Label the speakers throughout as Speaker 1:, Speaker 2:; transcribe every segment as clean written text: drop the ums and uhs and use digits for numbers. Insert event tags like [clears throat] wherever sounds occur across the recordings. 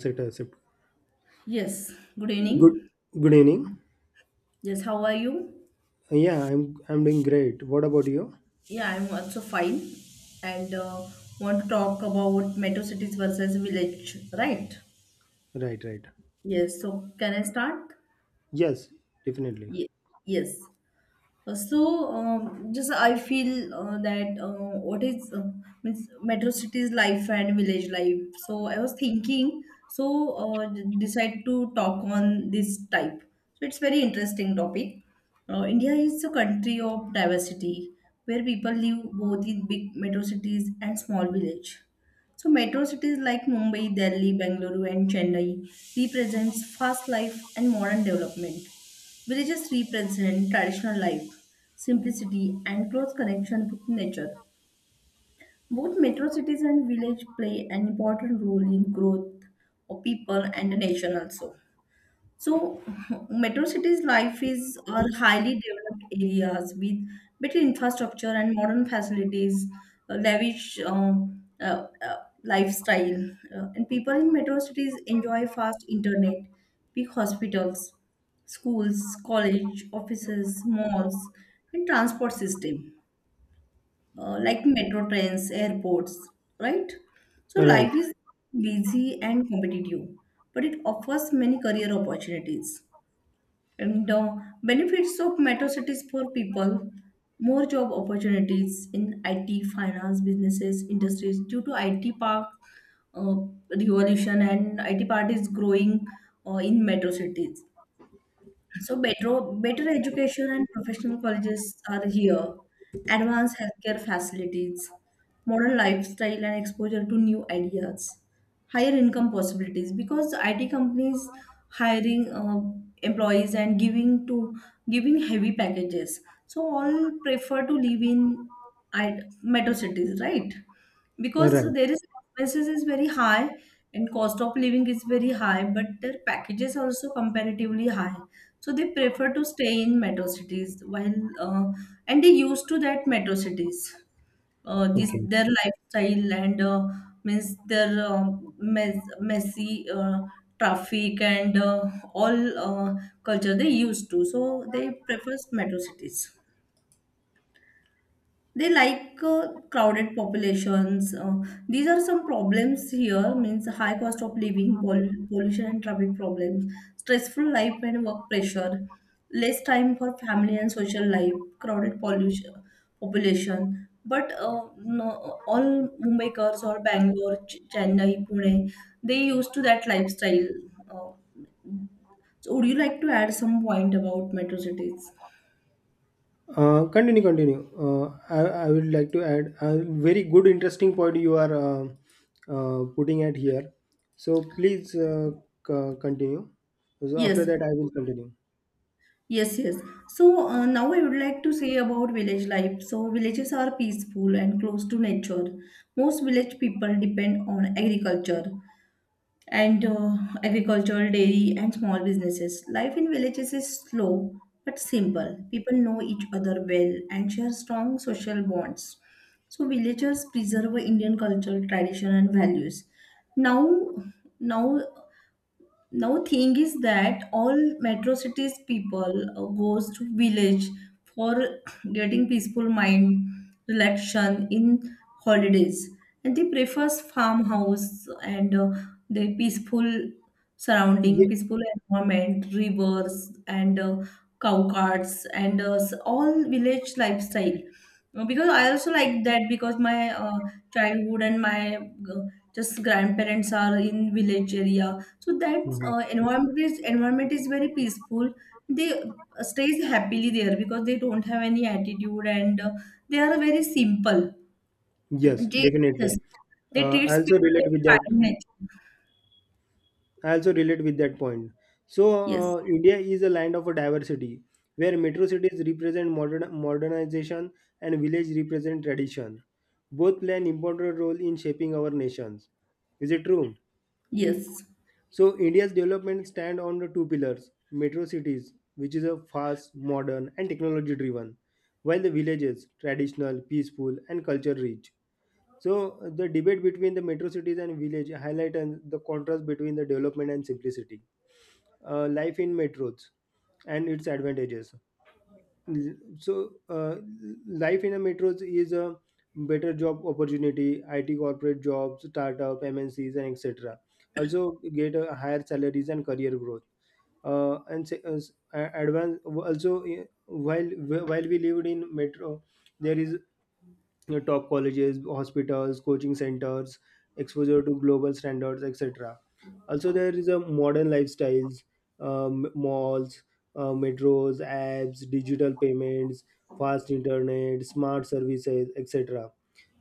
Speaker 1: Set accept.
Speaker 2: Yes, good
Speaker 1: Good
Speaker 2: evening.
Speaker 1: good evening.
Speaker 2: Yes, how are you?
Speaker 1: Yeah, I'm doing great. What about you?
Speaker 2: Yeah, I'm also fine and want to talk about metro cities versus village, right?
Speaker 1: Right, right.
Speaker 2: Yes, so can I start?
Speaker 1: Yes, definitely.
Speaker 2: Ye- yes. So, just I feel that what is means metro cities life and village life. So I was thinking, so decide to talk on this type. So it's very interesting topic. India is a country of diversity where people live both in big metro cities and small village. So metro cities like Mumbai, Delhi, Bengaluru, and Chennai represents fast life and modern development. Villages represent traditional life, simplicity, and close connection with nature. Both metro cities and village play an important role in growth of people and the nation also. So, [laughs] metro cities' life is are highly developed areas with better infrastructure and modern facilities, a lavish uh, uh, lifestyle. And people in metro cities enjoy fast internet, big hospitals, schools, college, offices, malls, and transport system like metro trains, airports, right? So,
Speaker 1: Right,
Speaker 2: life is busy and competitive, but it offers many career opportunities. And benefits of metro cities for people, more job opportunities in IT, finance, businesses, industries due to IT park uh, revolution, and IT part is growing in metro cities. So better, better education and professional colleges are here, advanced healthcare facilities, modern lifestyle and exposure to new ideas, higher income possibilities because IT companies hiring employees and giving heavy packages. So all prefer to live in metro cities, right? Because
Speaker 1: right.
Speaker 2: there is expenses is very high and cost of living is very high, but their packages are also comparatively high, so they prefer to stay in metro cities while uh, and they used to that metro cities this
Speaker 1: Okay.
Speaker 2: their lifestyle and means their messy traffic and all culture they used to, so they prefer metro cities. They like crowded populations. These are some problems here, means high cost of living, pollution and traffic problems, stressful life and work pressure, less time for family and social life, crowded pollution population. But no, all mumbaikars or bangalore chennai pune, they used to that lifestyle. uh, so would you like to add some point about metro cities?
Speaker 1: Continue, continue. I would like to add a very good, interesting point you are putting at here. So please continue. So after
Speaker 2: Yes.
Speaker 1: that, I will continue.
Speaker 2: Yes, yes. So now I would like to say about village life. So villages are peaceful and close to nature. Most village people depend on agriculture and agricultural, dairy, and small businesses. Life in villages is slow but simple. People know each other well and share strong social bonds. So villagers preserve Indian culture, tradition, and values. Now, now now, thing is that all metro cities people goes to village for [coughs] [clears throat] getting peaceful mind, relaxation in holidays, and they prefers farmhouse and the peaceful surrounding,
Speaker 1: Ye-
Speaker 2: peaceful environment, rivers and cow carts and all village lifestyle. No, because I also like that because my childhood and my just grandparents are in village area, so that
Speaker 1: Mhm.
Speaker 2: environment is very peaceful. They stays happily there because they don't have any attitude and they are very simple.
Speaker 1: Yes,
Speaker 2: They,
Speaker 1: definitely.
Speaker 2: yes, they
Speaker 1: Uh, I
Speaker 2: treats
Speaker 1: also
Speaker 2: people
Speaker 1: relate
Speaker 2: very
Speaker 1: with that
Speaker 2: kindly.
Speaker 1: I also relate with that point. So,
Speaker 2: Yes,
Speaker 1: India is a land of a diversity where metro cities represent modernization, and village represent tradition. Both play an important role in shaping our nations. Is it true?
Speaker 2: yes.
Speaker 1: So, India's development stand on the two pillars: metro cities, which is a fast, modern, and technology-driven, while the villages, traditional, peaceful, and culture-rich. So, the debate between the metro cities and village highlights the contrast between the development and simplicity, life in metros and its advantages. So, life in a metros is a better job opportunity, IT corporate jobs, startup, MNCs, and etc. Also, get a higher salaries and career growth. And se- s- a- advance also while while we lived in metro, there is your top colleges, hospitals, coaching centers, exposure to global standards, etc. Also, there is a modern lifestyles, malls, metros, apps, digital payments, fast internet, smart services, etc.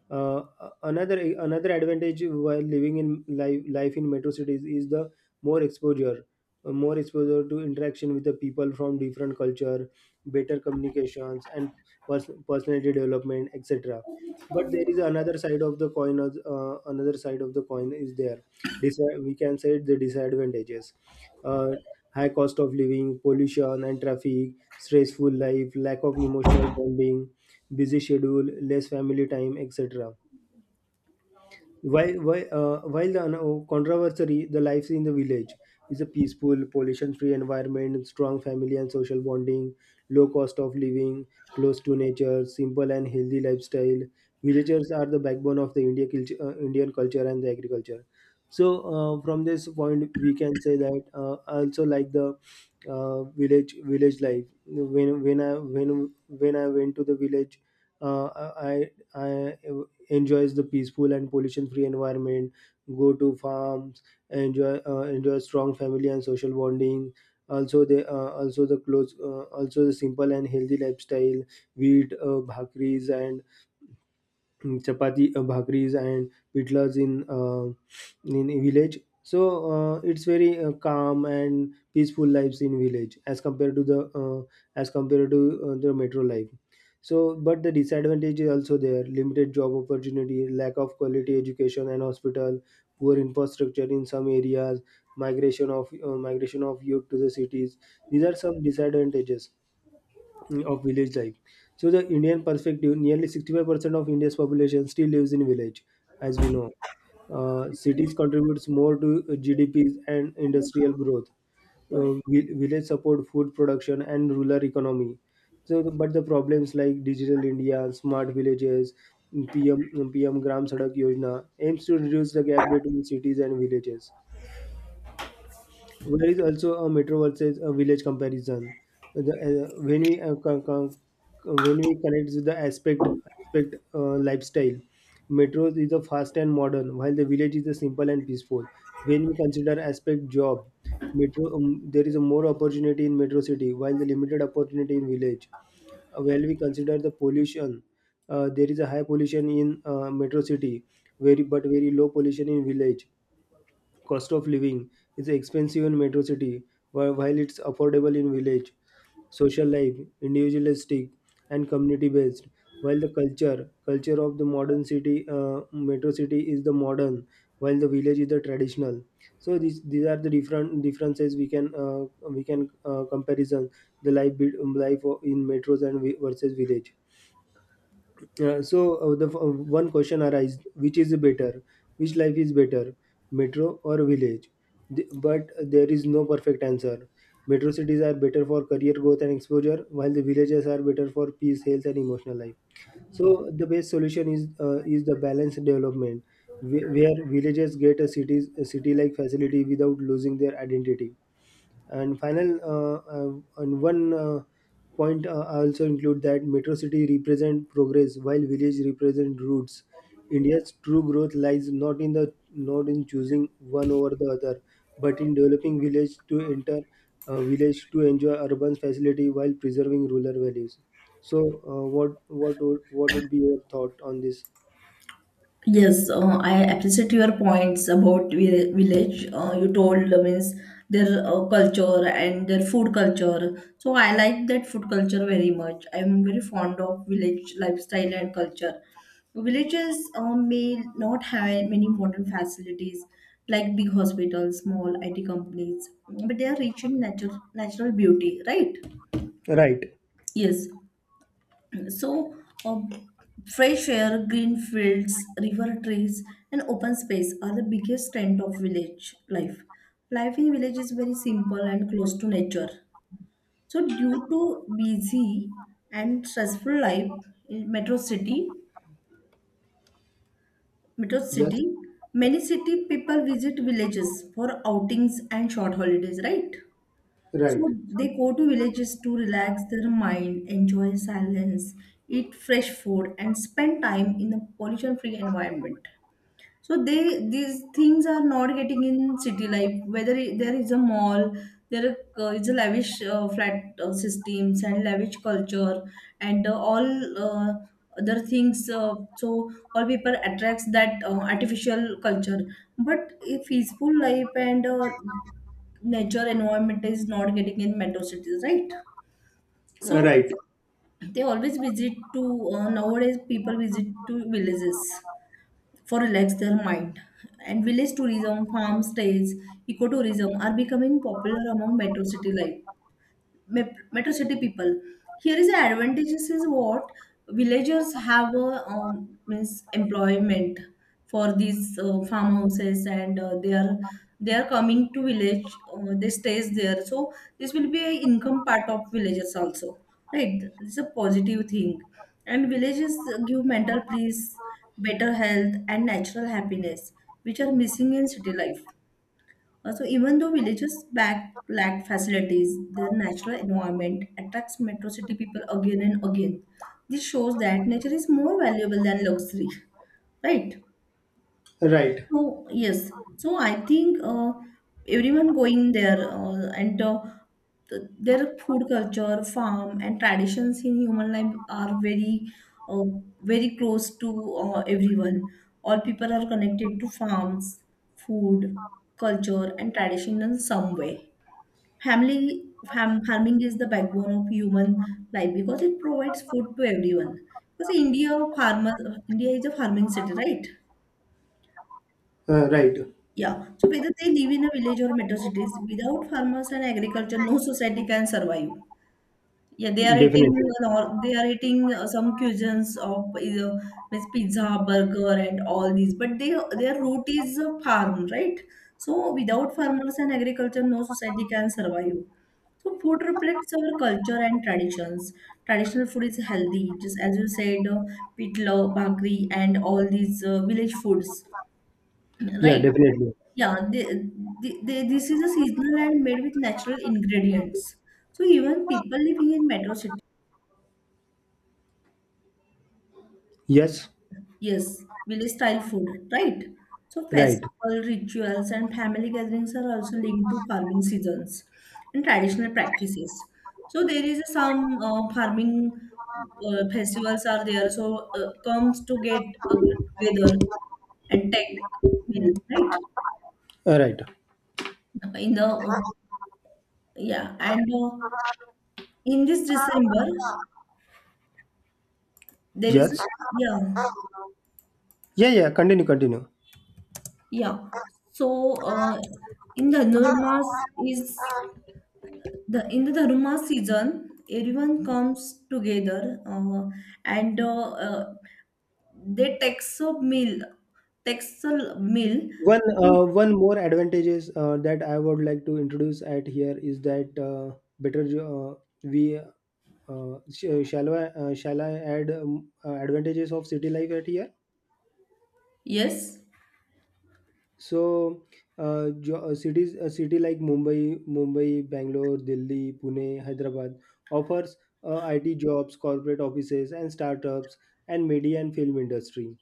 Speaker 1: Uh, another another advantage while living in life in metro cities is the more exposure, more exposure to interaction with the people from different culture, better communications and personality development, etc. But there is another side of the coin. Another side of the coin is there. Dis- we can say the disadvantages. Uh, High cost of living, pollution and traffic, stressful life, lack of emotional bonding, busy schedule, less family time, etc. While the controversy, the life in the village is a peaceful, pollution-free environment, strong family and social bonding, low cost of living, close to nature, simple and healthy lifestyle. Villagers are the backbone of the Indian culture and the agriculture. So, from this point, we can say that I also like the village life. When I went to the village, uh, I enjoys the peaceful and pollution free environment, go to farms, enjoy strong family and social bonding, also they also the close also the simple and healthy lifestyle, wheat bhakris and mm, chapati bhakris and pitlas in a village. So, it's very calm and peaceful lives in village as compared to the metro life. So, but the disadvantage is also there: limited job opportunity, lack of quality education and hospital, poor infrastructure in some areas, migration of youth to the cities. These are some disadvantages of village life. So the Indian perspective, nearly 65% of India's population still lives in village, as we know. Cities contributes more to GDPs and industrial growth. Village support food production and rural economy. So, but the problems like Digital India, smart villages, PM Gram Sadak Yojana aims to reduce the gap between cities and villages. There is also a metro versus a village comparison. The, when we co- co- When we connect with the aspect aspect lifestyle, metro is a fast and modern, while the village is a simple and peaceful. When we consider aspect job, metro there is a more opportunity in metro city, while the limited opportunity in village. While we consider the pollution, there is a high pollution in metro city, very low pollution in village. Cost of living is expensive in metro city, while it's affordable in village. Social life: individualistic and community based, while the culture of the modern city metro city is the modern, while the village is the traditional. So these are the different differences we can, comparison the life in metros and versus village. So the One question arises: Which is better? Which life is better, metro or village? But there is no perfect answer. Metro cities are better for career growth and exposure, while the villages are better for peace, health, and emotional life. So the best solution is the balanced development, where villages get a city-like facility without losing their identity. And one point, I also include that metro city represent progress while village represent roots. India's true growth lies not in choosing one over the other, but in developing village to enjoy urban facility while preserving rural values. So, what would be your thought on this?
Speaker 2: Yes, I appreciate your points about village. You told means their culture and their food culture. So I like that food culture very much. I'm very fond of village lifestyle and culture. Villages may not have many modern facilities like big hospitals, small IT companies, but they are rich in natural beauty, right?
Speaker 1: Right.
Speaker 2: Yes, so, uh, fresh air, green fields, river trees, and open space are the biggest strength of village life. Life in village is very simple and close to nature. So, due to busy and stressful life in metro
Speaker 1: Yes.
Speaker 2: city, many city people visit villages for outings and short holidays, right?
Speaker 1: Right.
Speaker 2: So they go to villages to relax their mind, enjoy silence, eat fresh food, and spend time in a pollution-free environment. So they these things are not getting in city life. Whether there is a mall, there is a lavish flat systems and lavish culture, and all uh, other things. So all people attracts that artificial culture. But a peaceful life and nature environment is not getting in metro cities, right? So
Speaker 1: Right.
Speaker 2: they always visit to nowadays people visit to villages for relax their mind. And village tourism, farm stays, ecotourism are becoming popular among metro city people. Here is the advantages is what villagers have a means employment for these farmhouses and they are coming to village, they stays there, so this will be a income part of villagers also, right? It's a positive thing. And villages give mental peace, better health and natural happiness, which are missing in city life. Also, even though villages back lack facilities, their natural environment attracts metro city people again and again. This shows that nature is more valuable than luxury, right?
Speaker 1: Right.
Speaker 2: So yes, so I think everyone going there and their food culture, farm, and traditions in human life are very, uh, very close to everyone. All people are connected to farms, food, culture, and tradition in some way. Farming is the backbone of human life because it provides food to everyone. Because farmer, India is a farming city, right?
Speaker 1: Right.
Speaker 2: Yeah. So whether they live in a village or metro cities, without farmers and agriculture, no society can survive. Yeah, they are eating
Speaker 1: Definitely.
Speaker 2: and all, they are eating some cuisines of means pizza, burger, and all these. But they their root is a farm, right? So without farmers and agriculture, no society can survive. So food reflects our culture and traditions. Traditional food is healthy, just as you said, pitla, bhakri, and all these village foods,
Speaker 1: Yeah.
Speaker 2: right?
Speaker 1: Definitely.
Speaker 2: Yeah, they, this is a seasonal and made with natural ingredients. So even people living in metro city,
Speaker 1: Yes,
Speaker 2: yes, village style food, right? So
Speaker 1: right,
Speaker 2: festival rituals and family gatherings are also linked to farming seasons and traditional practices. So there is some farming festivals are there. So comes to get uh, together and take meal, right?
Speaker 1: right.
Speaker 2: In the yeah, and in this December. There is,
Speaker 1: Yes,
Speaker 2: yeah,
Speaker 1: yeah, yeah. Continue, continue.
Speaker 2: yeah. So, in the Dharma is the in the Dharma season, everyone comes together, and they takes a meal, takes a meal.
Speaker 1: One more advantages that I would like to introduce at here is that better we sh- shall I add advantages of city life at here?
Speaker 2: Yes,
Speaker 1: So, jo- cities a city like Mumbai, Bangalore, Delhi, Pune, Hyderabad offers IT jobs, corporate offices, and startups, and media and film industry.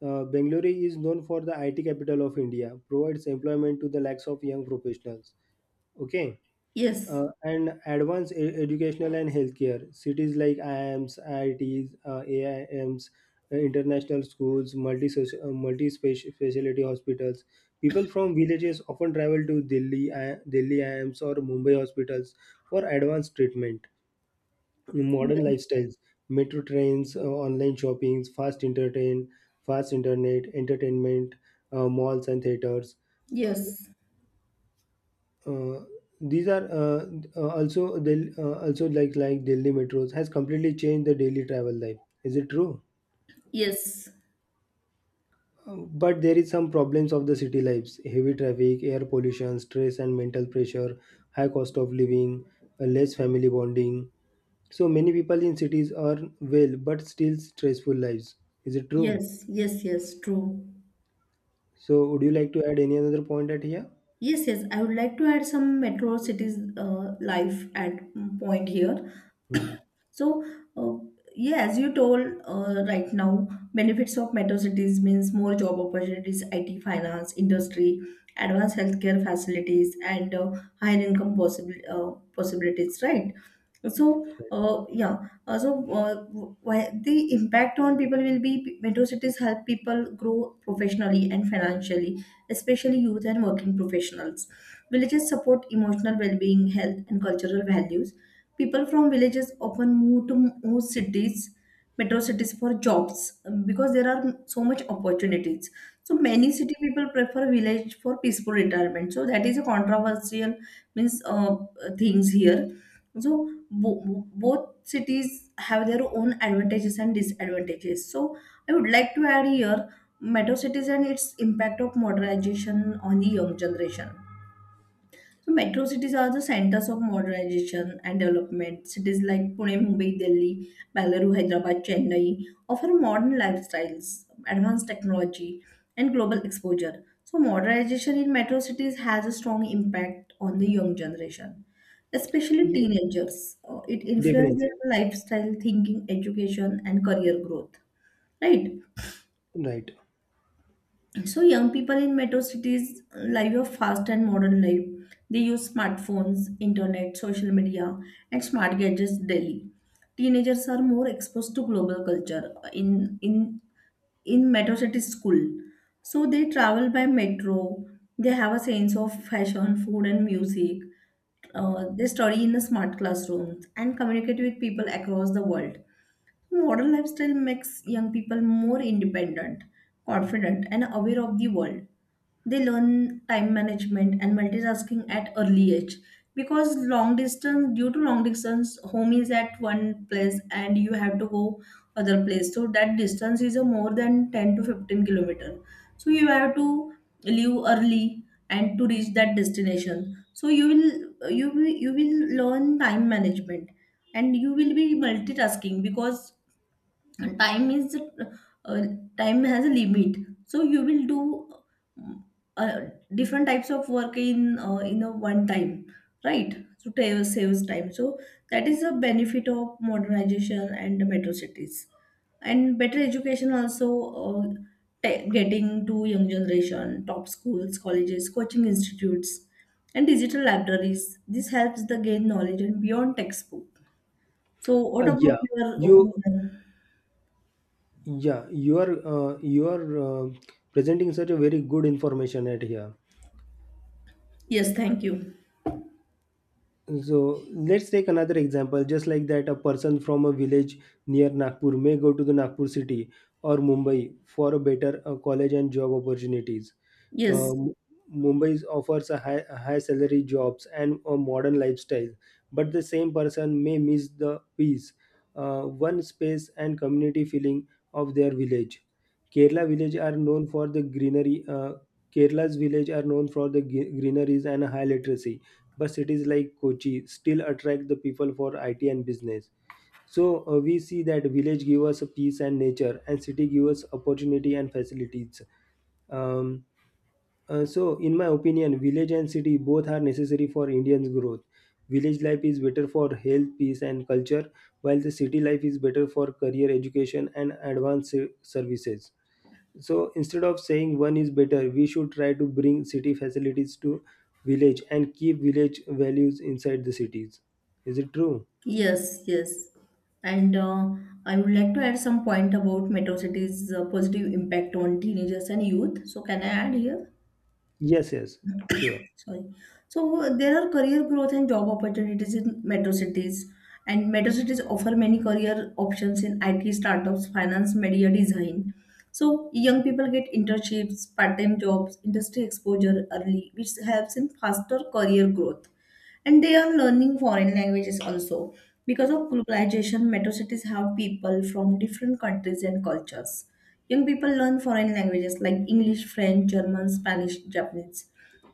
Speaker 1: Bengaluru is known for the IT capital of India, provides employment to the lakhs of young professionals. Okay,
Speaker 2: yes,
Speaker 1: and advanced educational and healthcare. Cities like IIMs, IITs, AIMs, international schools, multi specialty hospitals. People from villages often travel to Delhi IIMs or Mumbai hospitals for advanced treatment, modern
Speaker 2: yes,
Speaker 1: lifestyles, metro trains, online shoppings, fast internet entertainment, malls and theaters.
Speaker 2: yes,
Speaker 1: Uh, these are also the also like Delhi metros has completely changed the daily travel life. Is it true?
Speaker 2: yes,
Speaker 1: Uh, but there is some problems of the city lives: heavy traffic, air pollution, stress and mental pressure, high cost of living, less family bonding, so many people in cities are well but still stressful lives. Is it true?
Speaker 2: yes. True.
Speaker 1: So would you like to add any other point at here?
Speaker 2: Yes, yes. I would like to add some metro cities life at point here.
Speaker 1: Mhm.
Speaker 2: So, uh, yeah, as you told right now, benefits of metro cities means more job opportunities, IT, finance, industry, advanced healthcare facilities, and higher income possible possibilities, right? So, uh, yeah, uh, so uh, why the impact on people will be metro cities help people grow professionally and financially, especially youth and working professionals. Villages support emotional well-being, health, and cultural values. People from villages often move to more cities, metro cities for jobs, because there are so much opportunities. So many city people prefer village for peaceful retirement. So that is a controversial means things here. So both cities have their own advantages and disadvantages. So I would like to add here metro cities and its impact of modernization on the young generation. So metro cities are the centers of modernization and development. Cities like Pune, Mumbai, Delhi, Bangalore, Hyderabad, Chennai offer modern lifestyles, advanced technology, and global exposure. So modernization in metro cities has a strong impact on the young generation, especially
Speaker 1: Yeah,
Speaker 2: teenagers. It influences
Speaker 1: definitely.
Speaker 2: their lifestyle, thinking, education, and career growth, right?
Speaker 1: Right.
Speaker 2: So young people in metro cities live a fast and modern life. They use smartphones, internet, social media, and smart gadgets daily. Teenagers are more exposed to global culture in metro city school. So they travel by metro. They have a sense of fashion, food, and music. They study in the smart classrooms and communicate with people across the world. Modern lifestyle makes young people more independent, confident, and aware of the world. They learn time management and multitasking at early age because long distance due to long distance home is at one place and you have to go other place, so that distance is a more than 10 to 15 kilometer, so you have to leave early and to reach that destination. So you will learn time management and you will be multitasking because and time is uh, time has a limit. So you will do uh, different types of work in a one time, right? Saves time, so that is the benefit of modernization and the metro cities and better education also. uh, Getting to young generation top schools, colleges, coaching institutes, and digital libraries, this helps the gain knowledge and beyond textbook. So what
Speaker 1: Yeah,
Speaker 2: about your
Speaker 1: you
Speaker 2: opinion?
Speaker 1: you are presenting such a very good information at here.
Speaker 2: Yes, thank you.
Speaker 1: So let's take another example, just like that, a person from a village near Nagpur may go to the Nagpur city or Mumbai for a better college and job opportunities.
Speaker 2: Yes,
Speaker 1: Um, Mumbai offers a high salary jobs and a modern lifestyle, but the same person may miss the peace, one space, and community feeling of their village. Kerala village are known for the greenery. Kerala's village are known for the greeneries and high literacy, but cities like Kochi still attract the people for IT and business. So, we see that village give us peace and nature, and city give us opportunity and facilities. Um, so, in my opinion, village and city both are necessary for Indians' growth. Village life is better for health, peace, and culture, while the city life is better for career, education, and advanced services. So, instead of saying one is better, we should try to bring city facilities to village and keep village values inside the cities. Is it true?
Speaker 2: yes, yes. And I would like to add some point about metro cities' positive impact on teenagers and youth. So, can I add here?
Speaker 1: Yes, yes, sure.
Speaker 2: Sorry. So, there are career growth and job opportunities in metro cities, and metro cities offer many career options in IT startups, finance, media design. So, young people get internships, part-time jobs, industry exposure early, which helps in faster career growth. And they are learning foreign languages also. Because of globalization, metro cities have people from different countries and cultures. Young people learn foreign languages like English, French, German, Spanish, Japanese,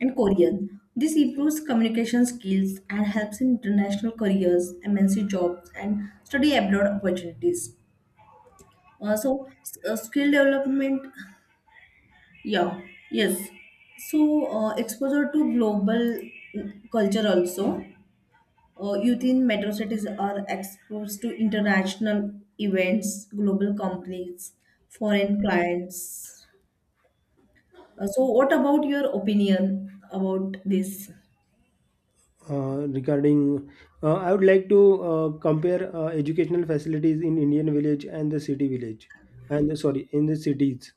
Speaker 2: and Korean. This improves communication skills and helps in international careers, MNC jobs, and study abroad opportunities also. Skill development. Yeah. Yes. So exposure to global culture also. Youth in metro cities are exposed to international events, global companies, foreign clients. So, what about your opinion about this?
Speaker 1: regarding I would like to compare educational facilities in Indian village and the city village and sorry in the cities.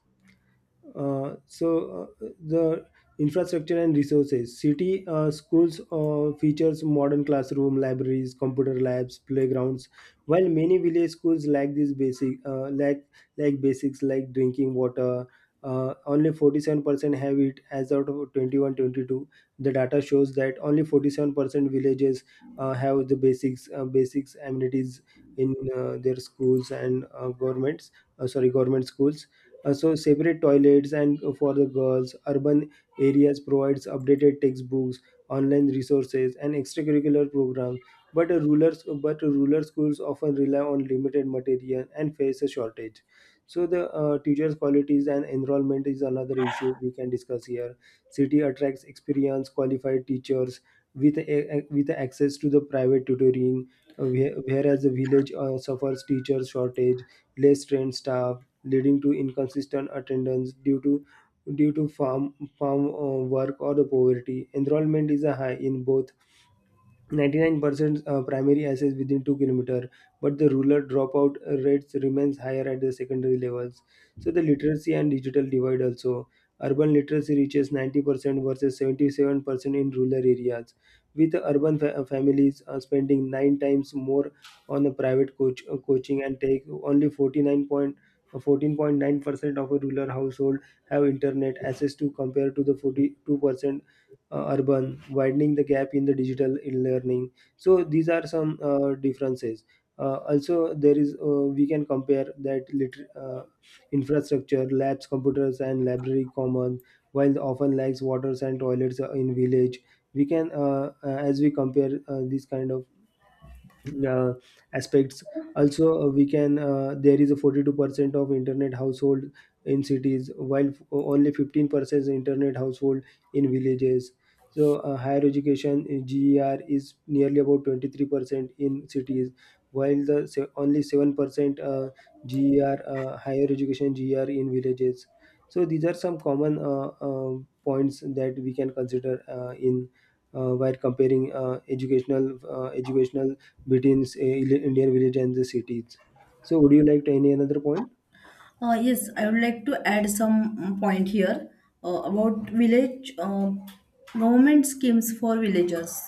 Speaker 1: The infrastructure and resources: city schools features modern classroom, libraries, computer labs, playgrounds, while many village schools lack these basic lack like basics like drinking water. Only 47% have it. As out of 21, 22, the data shows that only 47% villages have the basics amenities in their schools, and government schools. Separate toilets and for the girls, urban areas provides updated textbooks, online resources, and extracurricular programs. But a rural but rural schools often rely on limited material and face a shortage. So the teachers' qualities and enrollment is another issue we can discuss here. City attracts experienced, qualified teachers with access to the private tutoring, whereas the village suffers teachers shortage, less trained staff, leading to inconsistent attendance due to farm work or the poverty. Enrollment is high in both, 99% primary assess within 2 kilometer, but the rural dropout rates remains higher at the secondary levels. So the literacy and digital divide also: urban literacy reaches 90% versus 77% in rural areas, with urban families spending 9 times more on a private coaching, and take only 49,149% of a rural household have internet access to compare to the 42% urban, widening the gap in the digital learning. So these are some differences. Also, there is, we can compare that infrastructure, labs, computers, and library common, while often lacks waters and toilets in village. As we compare these kind of uh, aspects, also, we can there is a 42% of internet household in cities, while only 15% is internet household in villages. So, higher education ger is nearly about 23% in cities, while the only 7% uh, ger higher education ger in villages. So these are some common points that we can consider, in while comparing educational between say Indian village and the cities. So would you like to any another point?
Speaker 2: Yes, I would like to add some point here about village government schemes for villagers,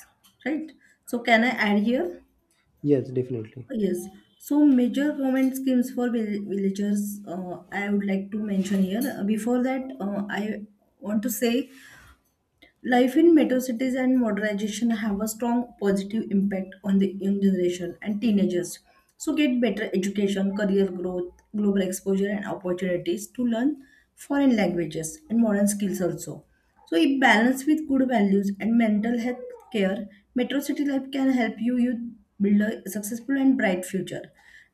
Speaker 2: right? So, can I add here?
Speaker 1: Yes, definitely.
Speaker 2: Yes. So major government schemes for villagers, I would like to mention here. Before that, I want to say: life in metro cities and modernization have a strong positive impact on the young generation and teenagers. So get better education, career growth, global exposure, and opportunities to learn foreign languages and modern skills also. So if balanced with good values and mental health care, metro city life can help you build a successful and bright future.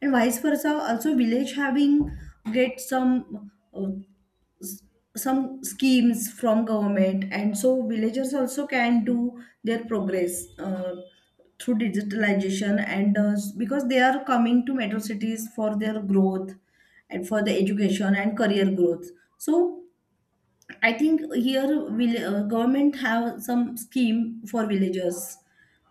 Speaker 2: And vice versa, also village having get some s- some schemes from government, and so villagers also can do their progress through digitalization and because they are coming to metro cities for their growth and for the education and career growth. So I think here will government have some scheme for villagers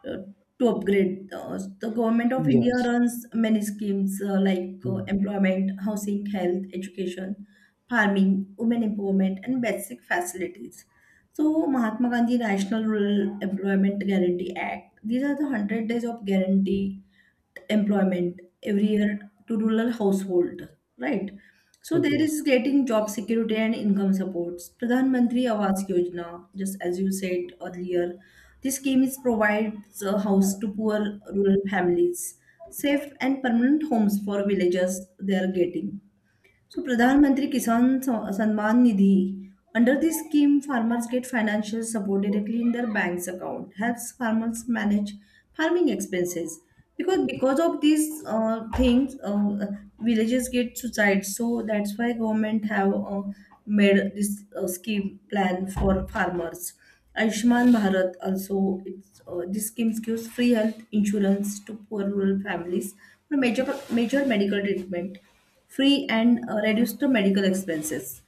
Speaker 2: uh, to upgrade. The government of India
Speaker 1: Yes.
Speaker 2: runs many schemes like
Speaker 1: Hmm.
Speaker 2: employment, housing, health, education, farming, women empowerment, and basic facilities. So Mahatma Gandhi National Rural Employment Guarantee Act. These are the 100 days of guarantee employment every year to rural household, right? So there
Speaker 1: Okay.
Speaker 2: is getting job security and income supports. Pradhan Mantri Awas Yojana, just as you said earlier, this scheme is provides a house to poor rural families, safe and permanent homes for villagers. They are getting. So, Pradhan Mantri Samman Nidhi. Under this scheme, farmers get financial support directly in their bank's account, helps farmers manage farming expenses. Because of these things, villages get suicides. So that's why government have made this scheme plan for farmers. Ayushman Bharat also, it's this scheme gives free health insurance to poor rural families for major medical treatment free, and reduce the medical expenses.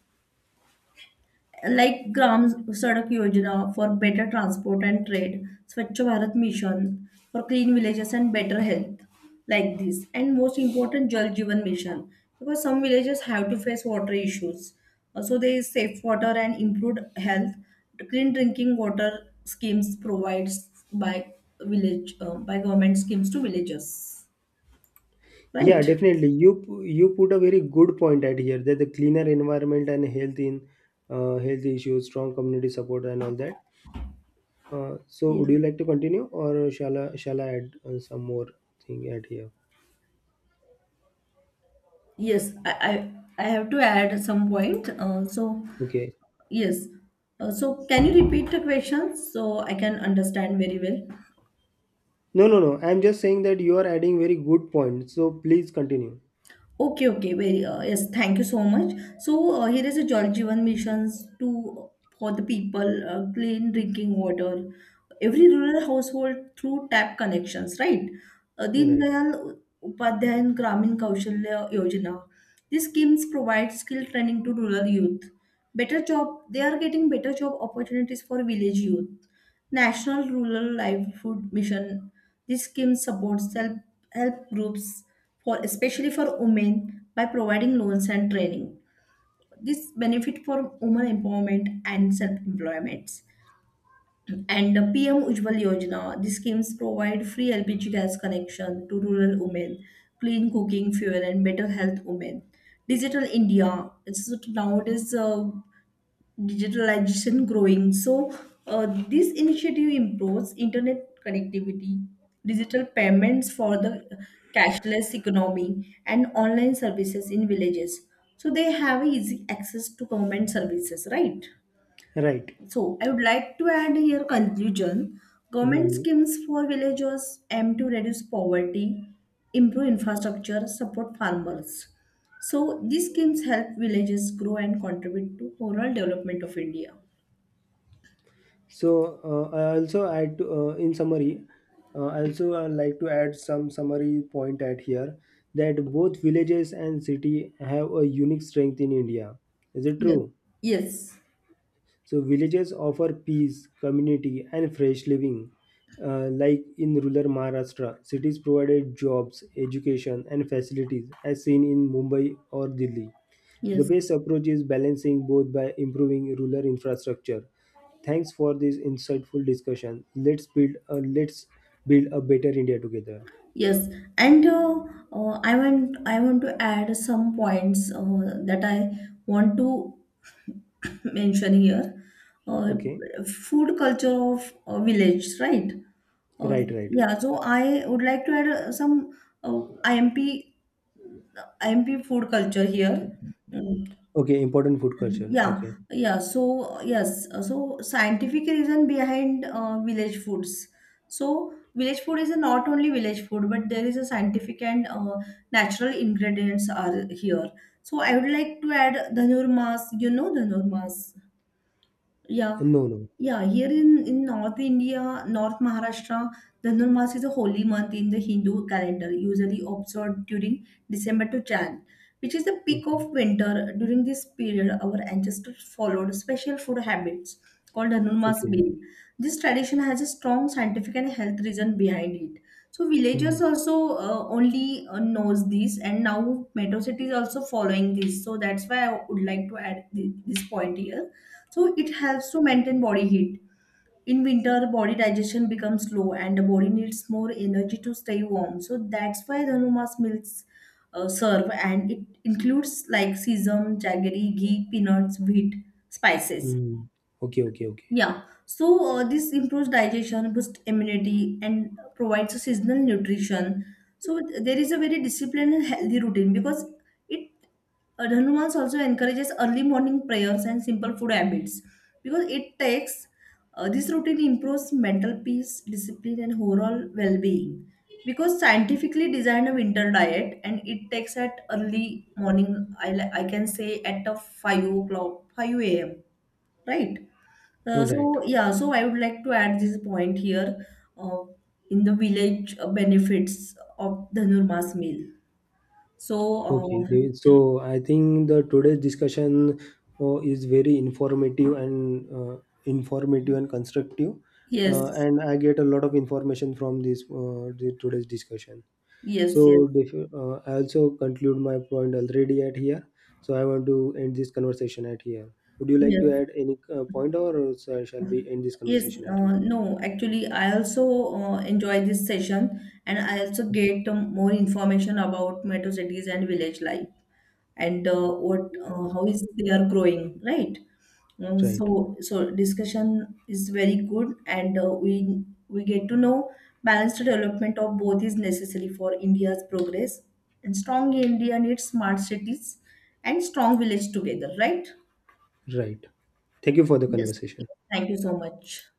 Speaker 2: Like Gram Sadak Yojana for better transport and trade, Swachh Bharat Mission for clean villages and better health, like this. And most important, Jal Jeevan Mission, because some villages have to face water issues. Also, there is safe water and improved health. Clean drinking water schemes provides by village by government schemes to villages.
Speaker 1: Yeah,
Speaker 2: Right?
Speaker 1: definitely. You put a very good point at here that the cleaner environment and health in health issues, strong community support, and all that. So would
Speaker 2: Yeah.
Speaker 1: you like to continue, or shall I add some more thing at here?
Speaker 2: Yes, I have to add some point. So,
Speaker 1: Okay.
Speaker 2: yes. So, can you repeat the question so I can understand very well?
Speaker 1: No, no, no. I'm just saying that you are adding very good point. So please continue.
Speaker 2: Okay, okay. Very yes. Thank you so much. So here is a Jal Jeevan missions to for the people clean drinking water. Every rural household through tap connections, right? Deen
Speaker 1: Right.
Speaker 2: Dayal Upadhyay and Gramin Kaushalya Yojana. These schemes provide skill training to rural youth. Better job. They are getting better job opportunities for village youth. National Rural Livelihood Mission. This scheme supports self help groups for especially for women by providing loans and training. This benefit for women empowerment and self employment. And the PM Ujjwal Yojana. These schemes provide free LPG gas connection to rural women, clean cooking fuel, and better health women. Digital India. It's nowadays digitalization growing. So, this initiative improves internet connectivity, digital payments for the cashless economy, and online services in villages. So, they have easy access to government services, right?
Speaker 1: Right.
Speaker 2: So, I would like to add here conclusion. Government
Speaker 1: Hmm.
Speaker 2: schemes for villagers aim to reduce poverty, improve infrastructure, support farmers. So, these schemes help villages grow and contribute to overall development of India.
Speaker 1: So, I also add to, in summary, I also like to add some summary point at here that both villages and city have a unique strength in India. Is it
Speaker 2: Yes,
Speaker 1: true?
Speaker 2: yes,
Speaker 1: So villages offer peace, community, and fresh living. Like in rural Maharashtra, cities provided jobs, education, and facilities, as seen in Mumbai or Delhi. The
Speaker 2: yes,
Speaker 1: best approach is balancing both by improving rural infrastructure. Thanks for this insightful discussion. Let's build a better India together.
Speaker 2: yes. And I want to add some points that I want to [coughs] mention here. Uh,
Speaker 1: Okay.
Speaker 2: Food culture of village, right? Uh,
Speaker 1: Right. Right.
Speaker 2: yeah, so I would like to add some uh, IMP uh, IMP food culture here. Mm.
Speaker 1: Okay. Important food culture.
Speaker 2: Yeah,
Speaker 1: Okay.
Speaker 2: yeah. So yes, so scientific reason behind village foods. So village food is not only village food, but there is a scientific and natural ingredients are here. So I would like to add dhanur mas. You know dhanur mas. Yeah.
Speaker 1: No. No.
Speaker 2: Yeah, here in North India, North Maharashtra, Dhanurmas is a holy month in the Hindu calendar, usually observed during December to Jan, which is the peak
Speaker 1: Okay.
Speaker 2: of winter. During this period, our ancestors followed special food habits called Dhanurmas
Speaker 1: Okay.
Speaker 2: meal. This tradition has a strong scientific and health reason behind it. So
Speaker 1: Hmm.
Speaker 2: villagers also only knows this, and now metro cities also following this. So that's why I would like to add this point here so it helps to maintain body heat. In winter, body digestion becomes slow and the body needs more energy to stay warm. So that's why Dhanuma's milks serve, and it includes like sesame, jaggery, ghee, peanuts, wheat, spices.
Speaker 1: Hmm. Okay. Okay. Okay.
Speaker 2: Yeah, so this improves digestion, boosts immunity, and provides a seasonal nutrition. So there is a very disciplined and healthy routine because it Hanuman's also encourages early morning prayers and simple food habits because it takes this routine improves mental peace, discipline, and overall well-being. Because scientifically designed a winter diet and it takes at early morning, I can say at a 5 o'clock, 5 a.m., right?
Speaker 1: Right.
Speaker 2: So yeah, so I would like to add this point here uh, in the village benefits of Dhanurmas meal. So
Speaker 1: Okay, David. So I think the today's discussion is very informative and constructive,
Speaker 2: yes,
Speaker 1: and I get a lot of information from this the today's discussion.
Speaker 2: yes, yes,
Speaker 1: So, I also conclude my point already at here. So I want to end this conversation at here. Would you like to
Speaker 2: yes.
Speaker 1: add any point, or shall we end this
Speaker 2: Yes,
Speaker 1: conversation at here?
Speaker 2: no, actually, I also enjoy this session, and I also get more information about metro cities and village life, and what how is they are growing, right?
Speaker 1: Right,
Speaker 2: So so discussion is very good, and we get to know balanced development of both is necessary for India's progress, and strong India needs smart cities and strong village together, right?
Speaker 1: right. Thank you for the
Speaker 2: Yes.
Speaker 1: conversation.
Speaker 2: Thank you so much.